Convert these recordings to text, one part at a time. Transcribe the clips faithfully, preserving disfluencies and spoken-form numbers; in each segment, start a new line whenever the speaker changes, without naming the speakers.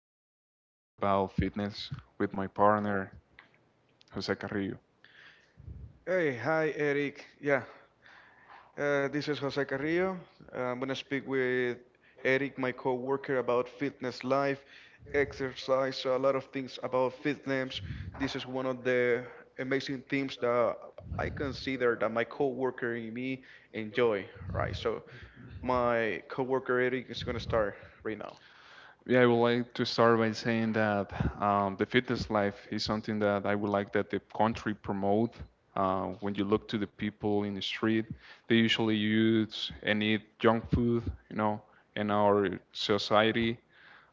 and I'm going to talk about fitness with my partner, Jose Carrillo.
Hey, hi, Eric. Yeah, uh, this is Jose Carrillo. I'm gonna speak with Eric, my coworker, about fitness life, exercise, so a lot of things about fitness. This is one of the amazing things that I consider that my coworker and me enjoy, right? So my coworker Eric is gonna start right now.
Yeah, I would like to start by saying that um, the fitness life is something that I would like that the country promote. Uh, when you look to the people in the street, they usually use and eat junk food, you know, and our society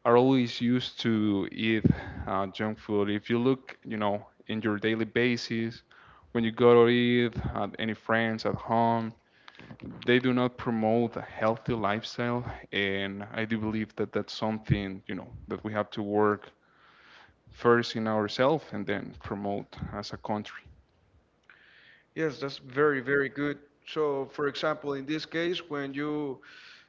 are always used to eat uh, junk food. If you look, you know, in your daily basis, when you go to eat at any friends at home, they do not promote a healthy lifestyle, and I do believe that that's something you know that we have to work first in ourselves and then promote as a country.
Yes, that's very, very good. So, for example, in this case, when you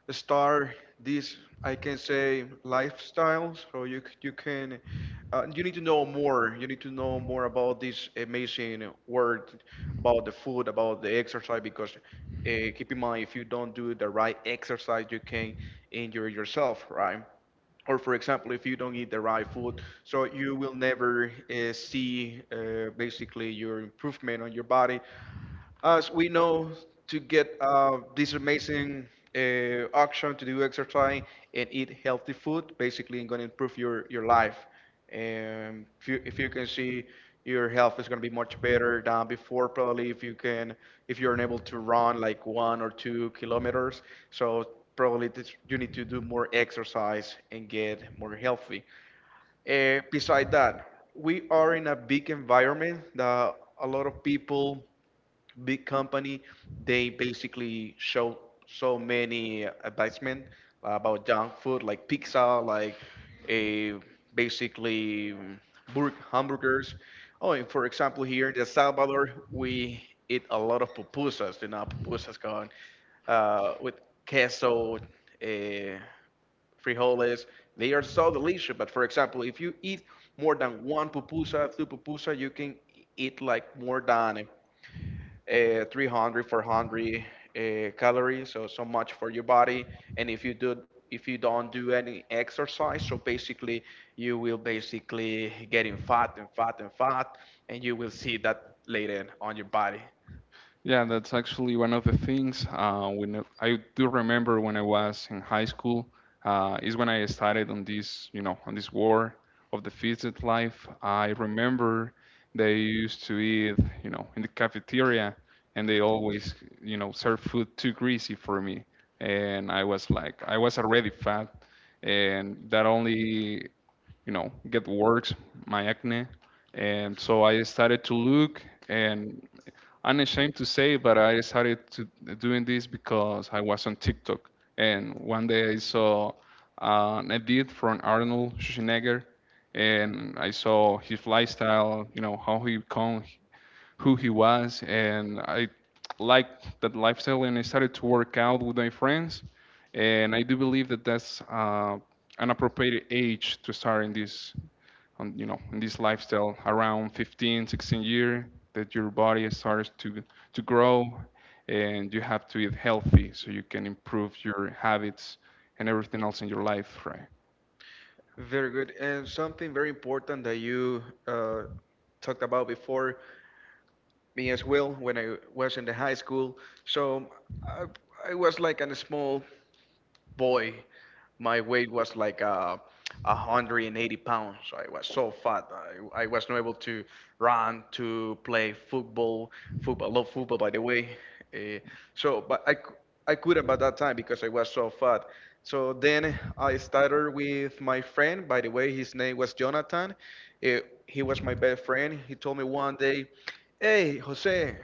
start this, I can say lifestyle, so you c- you can uh, you need to know more. You need to know more about this amazing word, about the food, about the exercise, because uh, keep in mind, if you don't do the right exercise, you can injure yourself, right? Or for example, if you don't eat the right food, so you will never uh, see uh, basically your improvement on your body. As we know, to get uh, this amazing uh, action to do exercise and eat healthy food, basically, it's going to improve your your life. And if you, if you can see, your health is going to be much better than before. Probably if you can, if you're unable to run like one or two kilometers. So probably this, you need to do more exercise and get more healthy. Uh, beside that, we are in a big environment that a lot of people, big company, they basically show so many advertisement about junk food, like pizza, like a basically mm, burg hamburgers. Oh, and for example, here in El Salvador, we eat a lot of pupusas. You know, pupusas gone uh, with queso, uh, frijoles. They are so delicious. But for example, if you eat more than one pupusa, two pupusa, you can eat like more than uh, 300 400 uh, calories, so so much for your body. And if you do, if you don't do any exercise, so basically you will basically getting fat and fat and fat, and you will see that later on your body.
Yeah, that's actually one of the things. Uh, when I do remember when I was in high school, uh, is when I started on this, you know, on this war of the fitted life. I remember they used to eat, you know, in the cafeteria, and they always, you know, serve food too greasy for me, and I was like, I was already fat, and that only you know, get works, my acne. And so I started to look and unashamed to say, but I started to doing this because I was on TikTok. And one day I saw uh, an edit from Arnold Schwarzenegger, and I saw his lifestyle, you know, how he become who he was, and I liked that lifestyle, and I started to work out with my friends, and I do believe that that's uh, an appropriate age to start in this, on you know, in this lifestyle around fifteen, sixteen year that your body starts to to grow, and you have to eat healthy so you can improve your habits and everything else in your life, right?
Very good. And something very important that you uh, talked about before, me as well when I was in the high school. So I, I was like a small boy. My weight was like uh, one hundred eighty pounds. So I was so fat. I, I was not able to run, to play football. Football, love football, by the way. Uh, so, but I, cou- I couldn't by that time because I was so fat. So then I started with my friend. By the way, his name was Jonathan. Uh, he was my best friend. He told me one day, "Hey, Jose,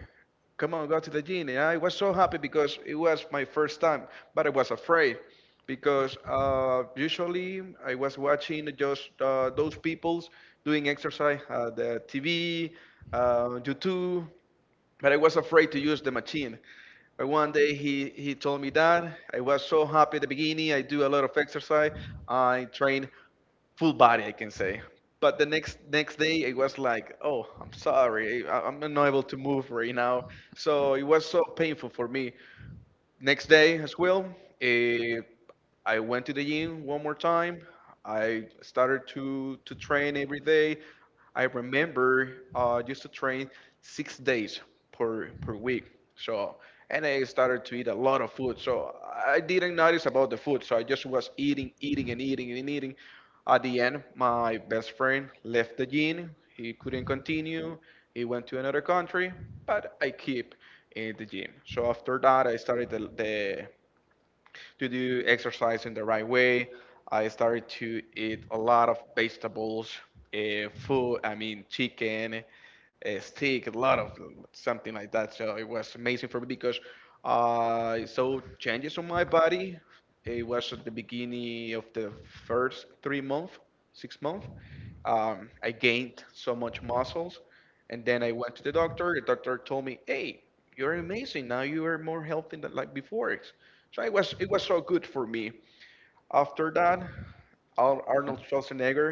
come on, go to the genie." I was so happy because it was my first time, but I was afraid because uh, usually I was watching just uh, those peoples doing exercise at the T V, uh, YouTube, but I was afraid to use the machine. But one day he, he told me that. I was so happy at the beginning. I do a lot of exercise. I train full body, I can say. But the next next day, it was like, oh, I'm sorry, I- I'm not able to move right now. So it was so painful for me. Next day as well, eh, I went to the gym one more time. I started to to train every day. I remember uh, used to train six days per per week. So and I started to eat a lot of food. So I didn't notice about the food. So I just was eating, eating, and eating and eating. At the end, my best friend left the gym. He couldn't continue. He went to another country, but I keep in the gym. So after that, I started the, the to do exercise in the right way. I started to eat a lot of vegetables, uh, food, I mean, chicken, uh, steak, a lot of something like that. So it was amazing for me because I saw changes on my body. It was at the beginning of the first three month, six month. Um, I gained so much muscles. And then I went to the doctor. The doctor told me, "Hey, you're amazing. Now you are more healthy than like before." So it was it was so good for me. After that, Ar- Arnold Schwarzenegger,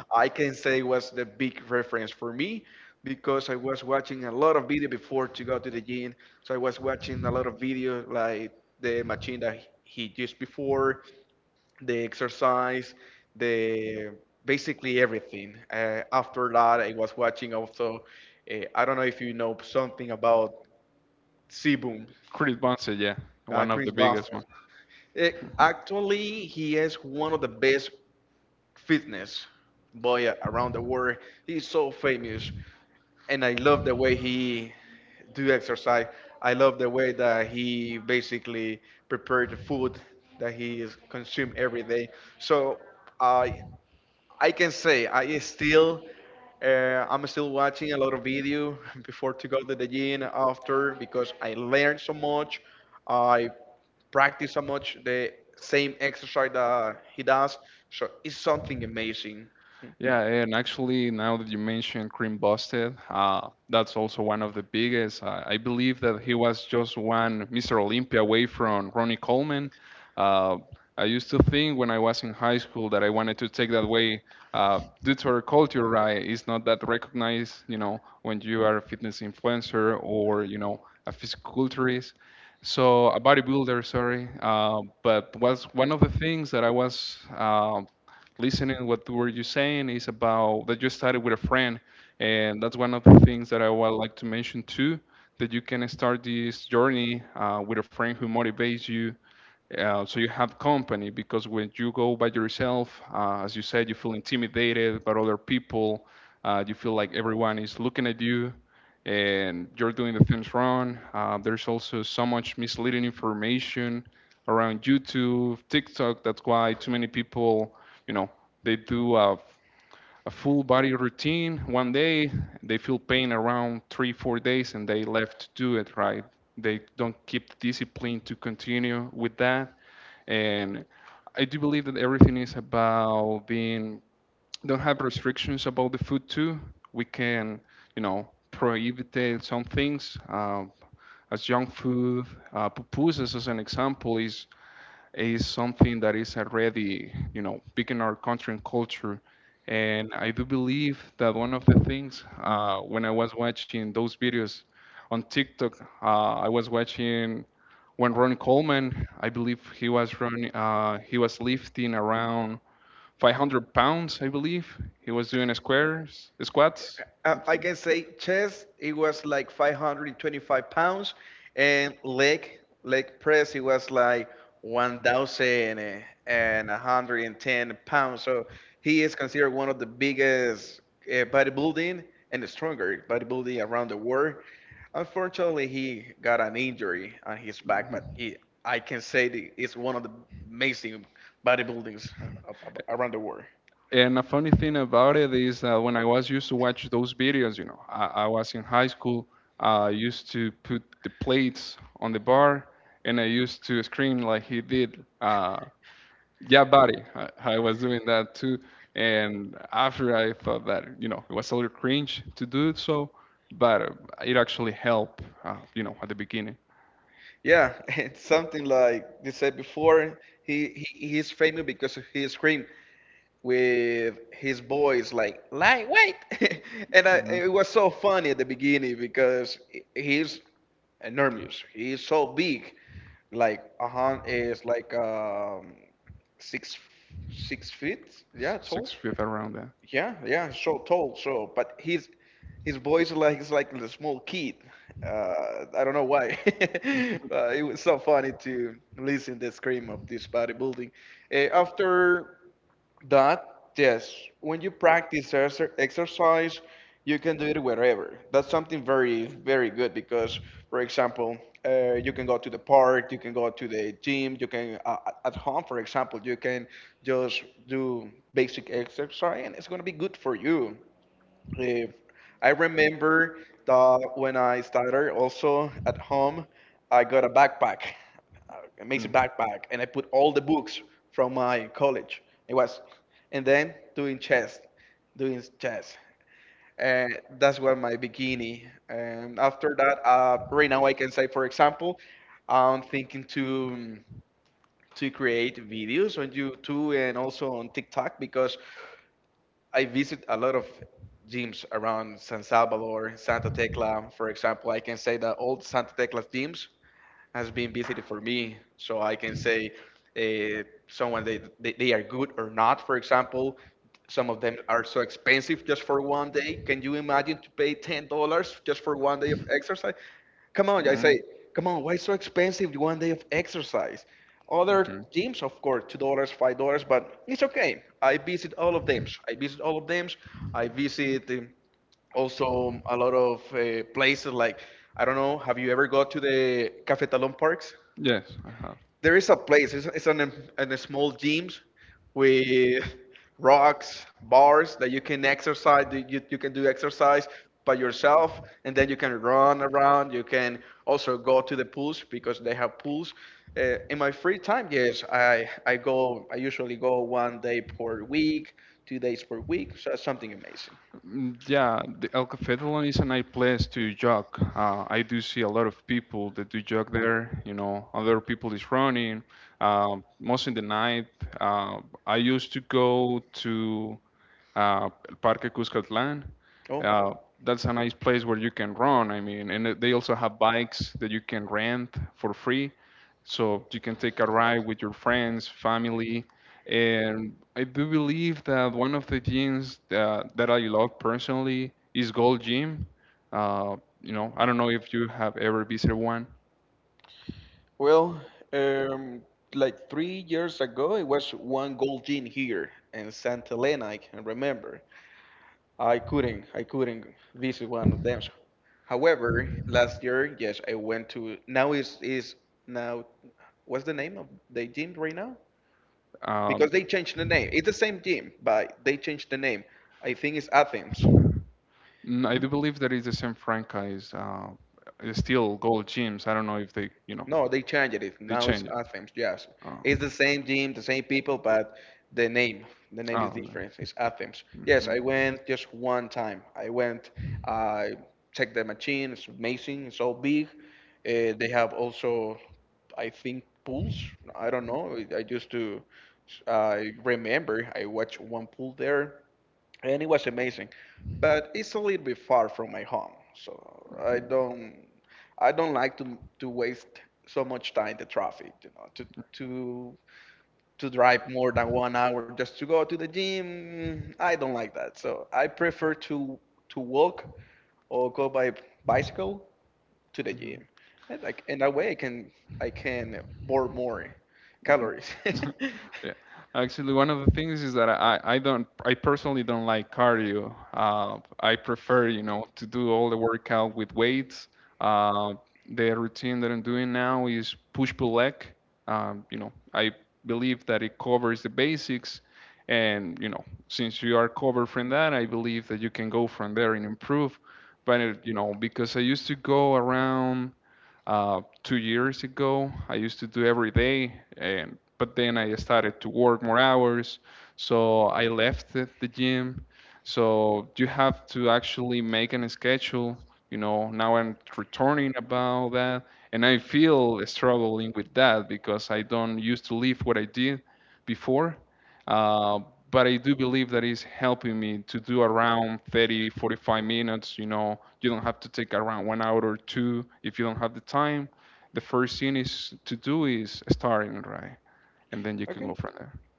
I can say was the big reference for me because I was watching a lot of video before to go to the gym. So I was watching a lot of video like the machine that he he used before, the exercise, the basically everything. Uh, after that, I was watching also. Uh, I don't know if you know something about Sebum, uh, Chris Boston. Eh, actually, he is one of the best fitness boy a- around the world. He's so famous, and I love the way he do exercise. I love the way that he basically prepared the food that he is consume every day. So I I can say I still uh, I'm still watching a lot of video before to go to the gym after because I learned so much. I practice so much the same exercise that he does. So it's something amazing. Hmm. I, I can say chest. It was like five hundred twenty-five pounds, and leg leg press. It was like one thousand one hundred ten pounds. So he is considered one of the biggest uh, bodybuilding and the stronger bodybuilding around the world. Unfortunately, he got an injury on his back, but he, I can say that it's one of the amazing bodybuildings a- a- around the world. Yeah, it's something like you said before. He, he he's famous because of his scream with his voice like like wait, and I, it was so funny at the beginning because he- he's enormous. He's so big, like Ahan is like um six six feet, yeah, tall. Yeah, yeah, so tall, so but his his voice is like he's like the small kid. Uh, I don't know why. uh, it was so funny to listen the scream of this bodybuilding. Uh, after that, yes, when you practice exer- exercise, you can do it wherever. That's something very, very good because, for example, uh, you can go to the park, you can go to the gym, you can, uh, at at home, for example, you can just do basic exercise and it's going to be good for you. If I remember that when I started also at home, I got a backpack, a amazing backpack, and I put all the books from my college. It was, and then doing chess, doing chess. And that's what my bikini. And after that, uh, right now I can say, for example, I'm thinking to to create videos on YouTube and also on TikTok because I visit a lot of gyms around San Salvador, Santa Tecla, for example. I can say that all Santa Tecla's gyms has been visited for me, so I can say uh, someone they, they they are good or not. For example, some of them are so expensive just for one day. Can you imagine to pay ten dollars just for one day of exercise? Come on, I say, come on, why so expensive one day of exercise? Other gyms, of course, two dollars, five dollars, but it's okay. I visit all of them. I visit all of them. I visit. um, also, um, a lot of uh, places like, I don't know, have you ever go to the Cafetalon Parks? There is a place, it's, it's an, an a small gyms with rocks, bars that you can exercise, that you, you can do exercise by yourself, and then you can run around. You can also go to the pools because they have pools. Uh, in my free time, yes, I, I go, I usually go one day per week, two days per week, so something amazing. Oh, well, um, like three years ago, it was one gold gin here in Santa Elena. I can remember. I couldn't, I couldn't visit one of them. However, last year, yes, I went to. Now is is now. What's the name of the gym right now? Because they changed the name. It's the same gym, but they changed the name. I think it's Athens. Hmm? No, they changed it. Now it's Athens. Yes, it's the same team, the same people, but the name, the name is different. It's Athens. Yes, I went just one time. I went, I checked the machine. It's amazing. It's so big. Uh, they have also, I think, pools. I don't know. I I used to, I remember I watched one pool there, and it was amazing. But it's a little bit far from my home, so I don't I don't like to to waste so much time in the traffic, you know, to to to drive more than one hour just to go to the gym. I don't like that, so I prefer to to walk or go by bicycle to the gym, and like in that way I can I can burn more calories. Okay,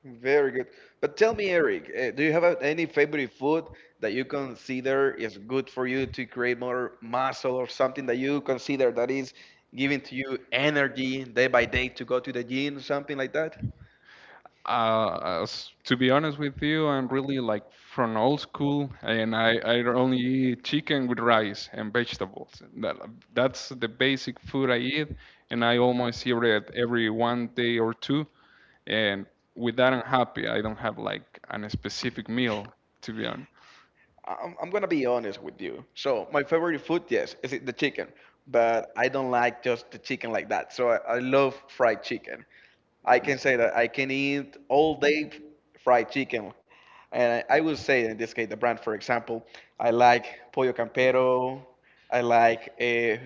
very good. But tell me, Eric, uh, do you have uh, any favorite food that you consider is good for you to create more muscle or something that you consider that is giving to you energy day by day to go to the gym, something like that? I'm, I'm gonna be honest with you. So my favorite food, yes, is it the chicken, but I don't like just the chicken like that. So I, I love fried chicken. I can say that I can eat all day fried chicken. And I I would say, in this case, the brand, for example, I like Pollo Campero, I like eh,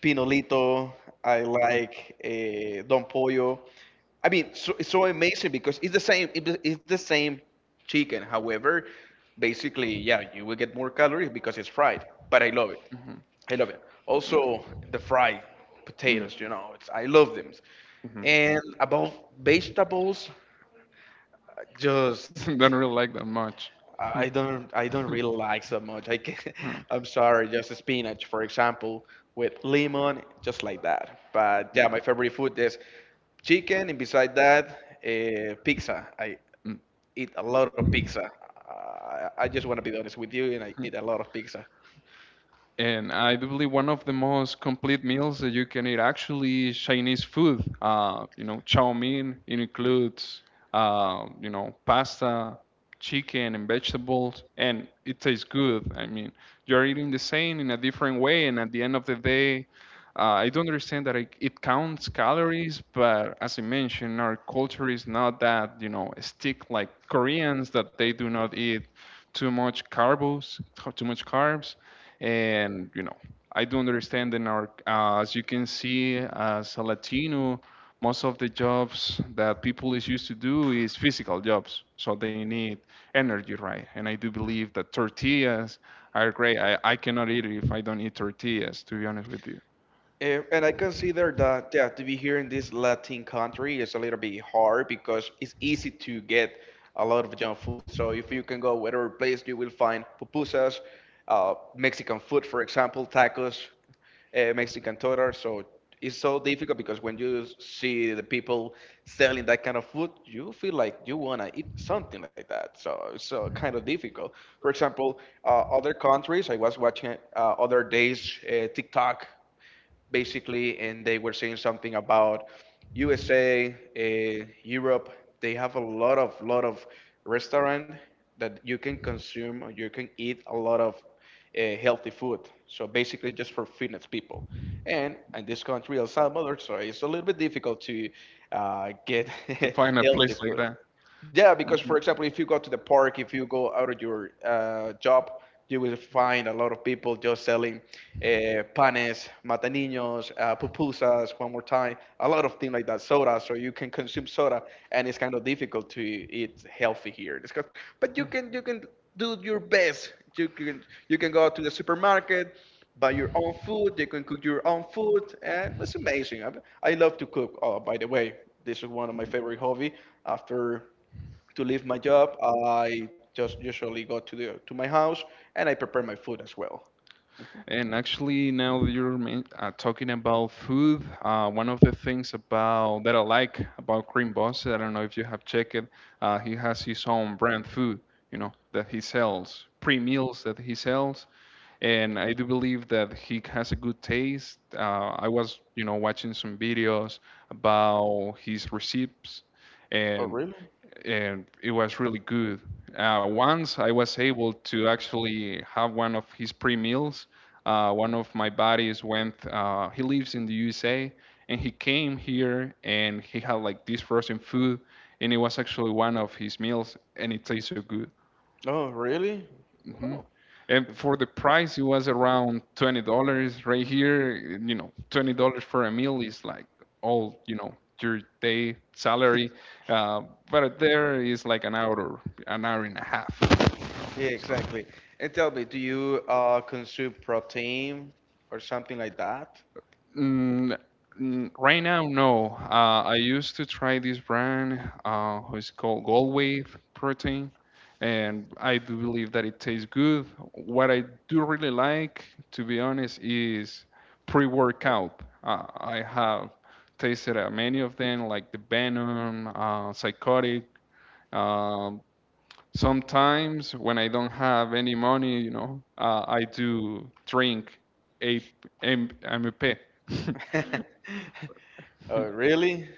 Pinolito, I like eh, Don Pollo. I mean, so, it's so amazing because it's the same. It, it's the same chicken. However, basically, yeah, you will get more calories because it's fried. But I love it. I love it. Also, the fried potatoes, you know, it's, I love them. And about vegetables, just I don't I don't really like so much. I can, I'm sorry, just spinach, for example, with lemon, just like that. But yeah, my favorite food is chicken, and beside that, uh, pizza. I eat a lot of pizza. Uh, I I just want to be honest with you, and I eat a lot of pizza. And, and I consider that yeah, to be here in this Latin country is a little bit hard because it's easy to get a lot of junk food. So if you can go whatever place, you will find pupusas, uh, Mexican food, for example, tacos, uh, Mexican tortas. So it's so difficult because when you see the people selling that kind of food, you feel like you wanna eat something like that. So it's uh, kind of difficult. For example, uh, other countries, I was watching uh, other days uh, TikTok basically, and they were saying something about U S A, uh, Europe. They have a lot of lot of restaurant that you can consume. Or you can eat a lot of uh, healthy food. So basically, just for fitness people. And in this country, El Salvador, so it's a little bit difficult to uh, get healthy food. Yeah, because for example, if you go to the park, if you go out of your uh, job, you will find a lot of people just selling uh, panes, mataninos, uh, pupusas, one more time, a lot of things like that, soda. So you can consume soda, and it's kind of difficult to eat healthy here. It's 'cause- but you can you can do your best. You can you can go to the supermarket, buy your own food. You can cook your own food, and it's amazing. I, I love to cook. Oh, by the way, this is one of my favorite hobby after to leave my job, I just usually go to the to my house and I prepare my food as well. Oh, really? Oh, really? Oh. Yeah, exactly. And tell me, do you uh, consume protein or something like that? Oh, really?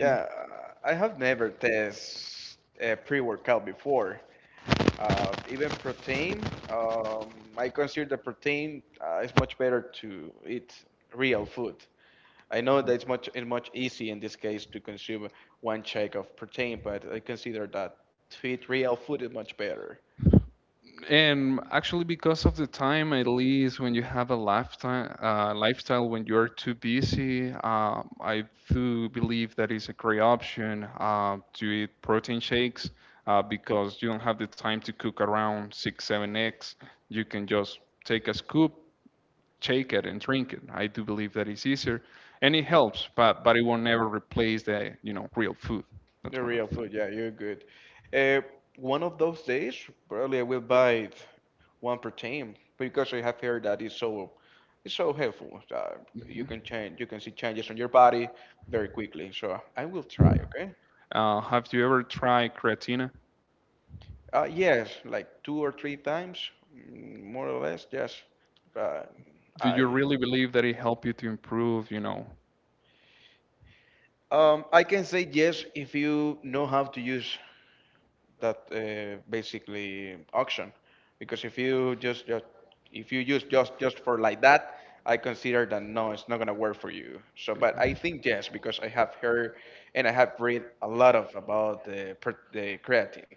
Yeah, uh, I have never tested a pre-workout before. Uh, even protein, um, I consider the protein uh, is much better to eat real food. I know that it's much it's much easy in this case to consume one shake of protein, but I consider that to eat real food is much better. The real food, yeah, you're good. Uh, One of those days, probably I will buy one protein because I have heard that it's so it's so helpful. Uh, you can change, you can see changes on your body very quickly. So I will try. Okay. Uh, yes, like two or three times, mm, more or less. Yes, uh, I um, I can say yes if you know how to use that uh, basically auction, because if you just, just if you use just just for like that, I consider that no, it's not gonna work for you. So, but I think yes because I have heard and I have read a lot of about the per- the creative.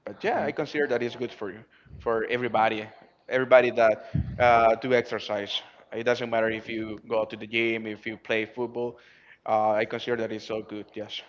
But yeah, I consider that is good for you, for everybody, everybody that uh, do exercise. It doesn't matter if you go to the gym, if you play football. Uh, I consider that it's so good. Yes.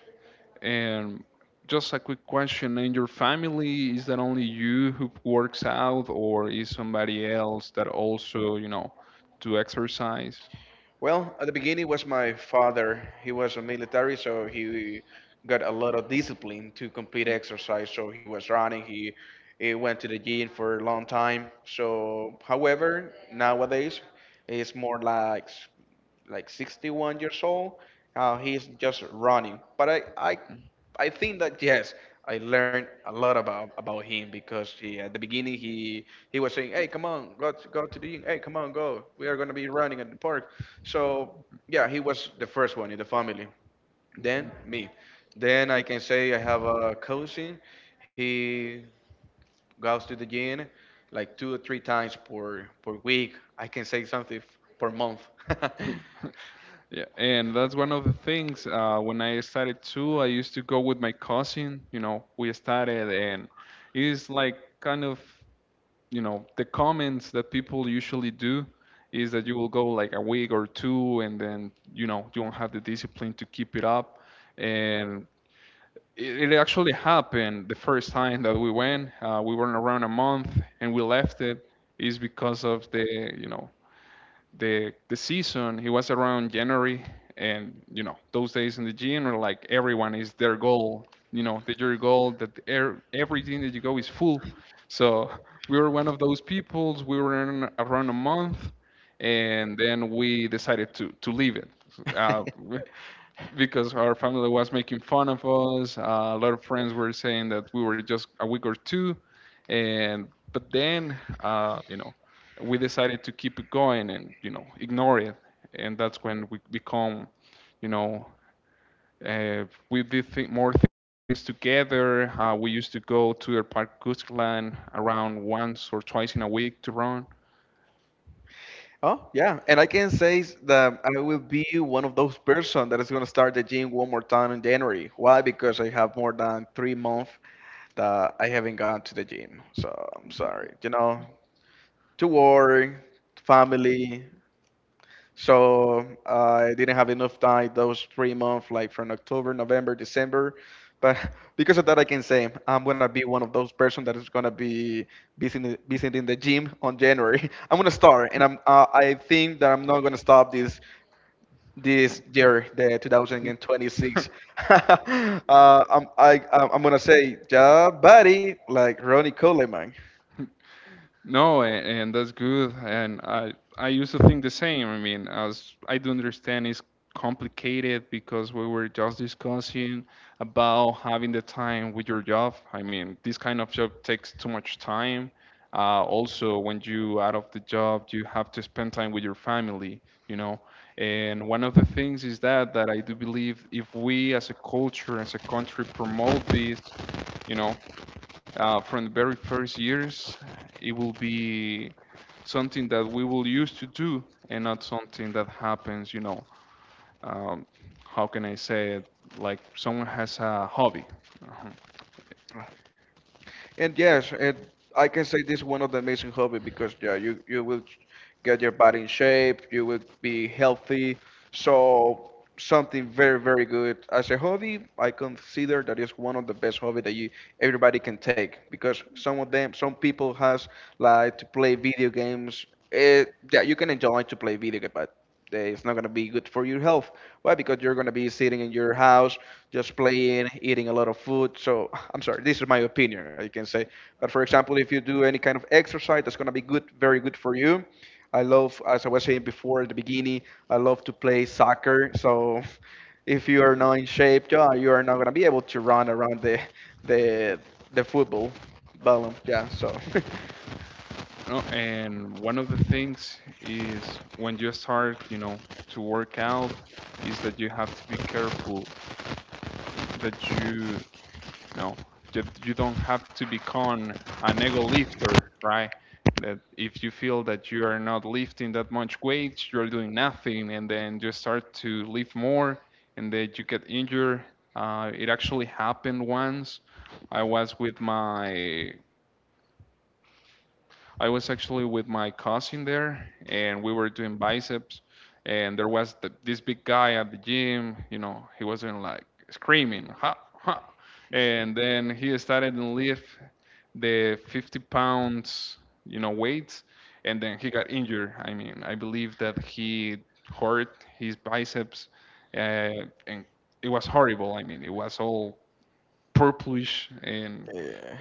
Well, at the beginning was my father. He was a military, so he got a lot of discipline to complete exercise. So he was running. He, he went to the gym for a long time. So, however, nowadays he's more like s- like sixty-one years old. Uh, he's just running. But I, I I think that yes, I learned a lot about about him because he, at the beginning he he was saying, "Hey, come on, go to, go to the gym. Hey, come on, go. We are gonna be running at the park." So yeah, he was the first one in the family. Then me. Then I can say I have a cousin. He goes to the gym like two or three times per per week. I can say something f- per month. Oh, yeah. And I can say s- that I will be one of those person that is going to start the gym one more time in January. Why? Because I have more than three months that I haven't gone to the gym. So I'm sorry. You know, to work, family. So I didn't have enough time those three months, like from October, November, December. But because of that, I can say I'm gonna be one of those person that is gonna be visiting visiting the gym on January. I'm gonna start, and I'm uh, I think that I'm not gonna stop this this year, the twenty twenty-six. uh, I'm I I'm I'm gonna say, yeah, buddy, like Ronnie Coleman. And yes, and I can say this is one of the amazing hobby because yeah, you you will get your body in shape, you will be healthy. So something very very good as a hobby. I consider that is one of the best hobby that you everybody can take because some of them some people has like to play video games. It, yeah, you can enjoy to play video game, but uh, it's not going to be good for your health. Why? Because you're going to be sitting in your house, just playing, eating a lot of food. So, I'm sorry, this is my opinion, I can say. But for example, if you do any kind of exercise, that's going to be good, very good for you. I love, as I was saying before at the beginning, I love to play soccer. So, if you are not in shape, yeah, you are not going to be able to run around the the the football ballon. Yeah, so. Yeah.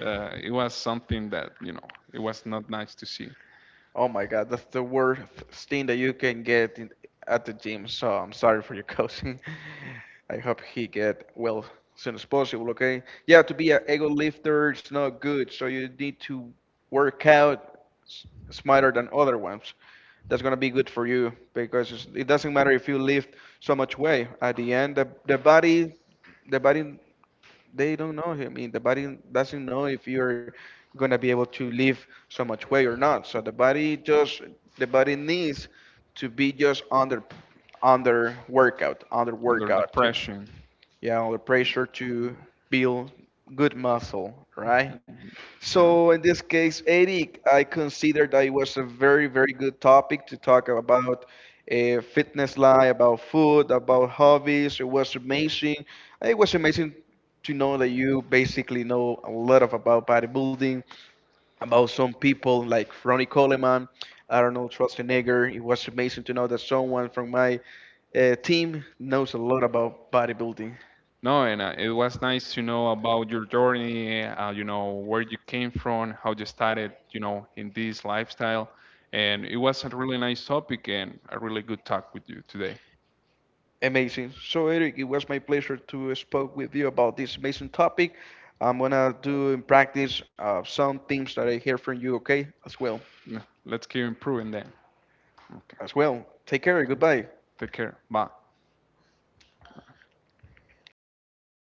Oh my God, that's the worst thing that you can get in, at the gym. So I'm sorry for your cousin. I hope he get well as soon as possible. Okay. Yeah, to be an ego lifter it's not good. So you need to work out s- smarter than other ones. That's gonna be good for you because it's, it doesn't matter if you lift so much weight. At the end, the, the body, the body they don't know him. I mean, the body doesn't know if you're gonna be able to live so much weight or not. So the body just the body needs to be just under under workout, under workout to yeah, under pressure to build good muscle, right? So in this case, Eric, I consider that it was a very, very good topic to talk about uh, fitness life, about food, about hobbies. It was amazing. It was amazing to know that you basically know a lot of about bodybuilding, about some people like Ronnie Coleman, Arnold Schwarzenegger. It was amazing to know that someone from my uh, team knows a lot about bodybuilding. Amazing. So, Eric, it was my pleasure to spoke with you about this amazing topic. I'm gonna do in practice uh, some things that I hear from you. Okay, as well, as well. Take care. Goodbye.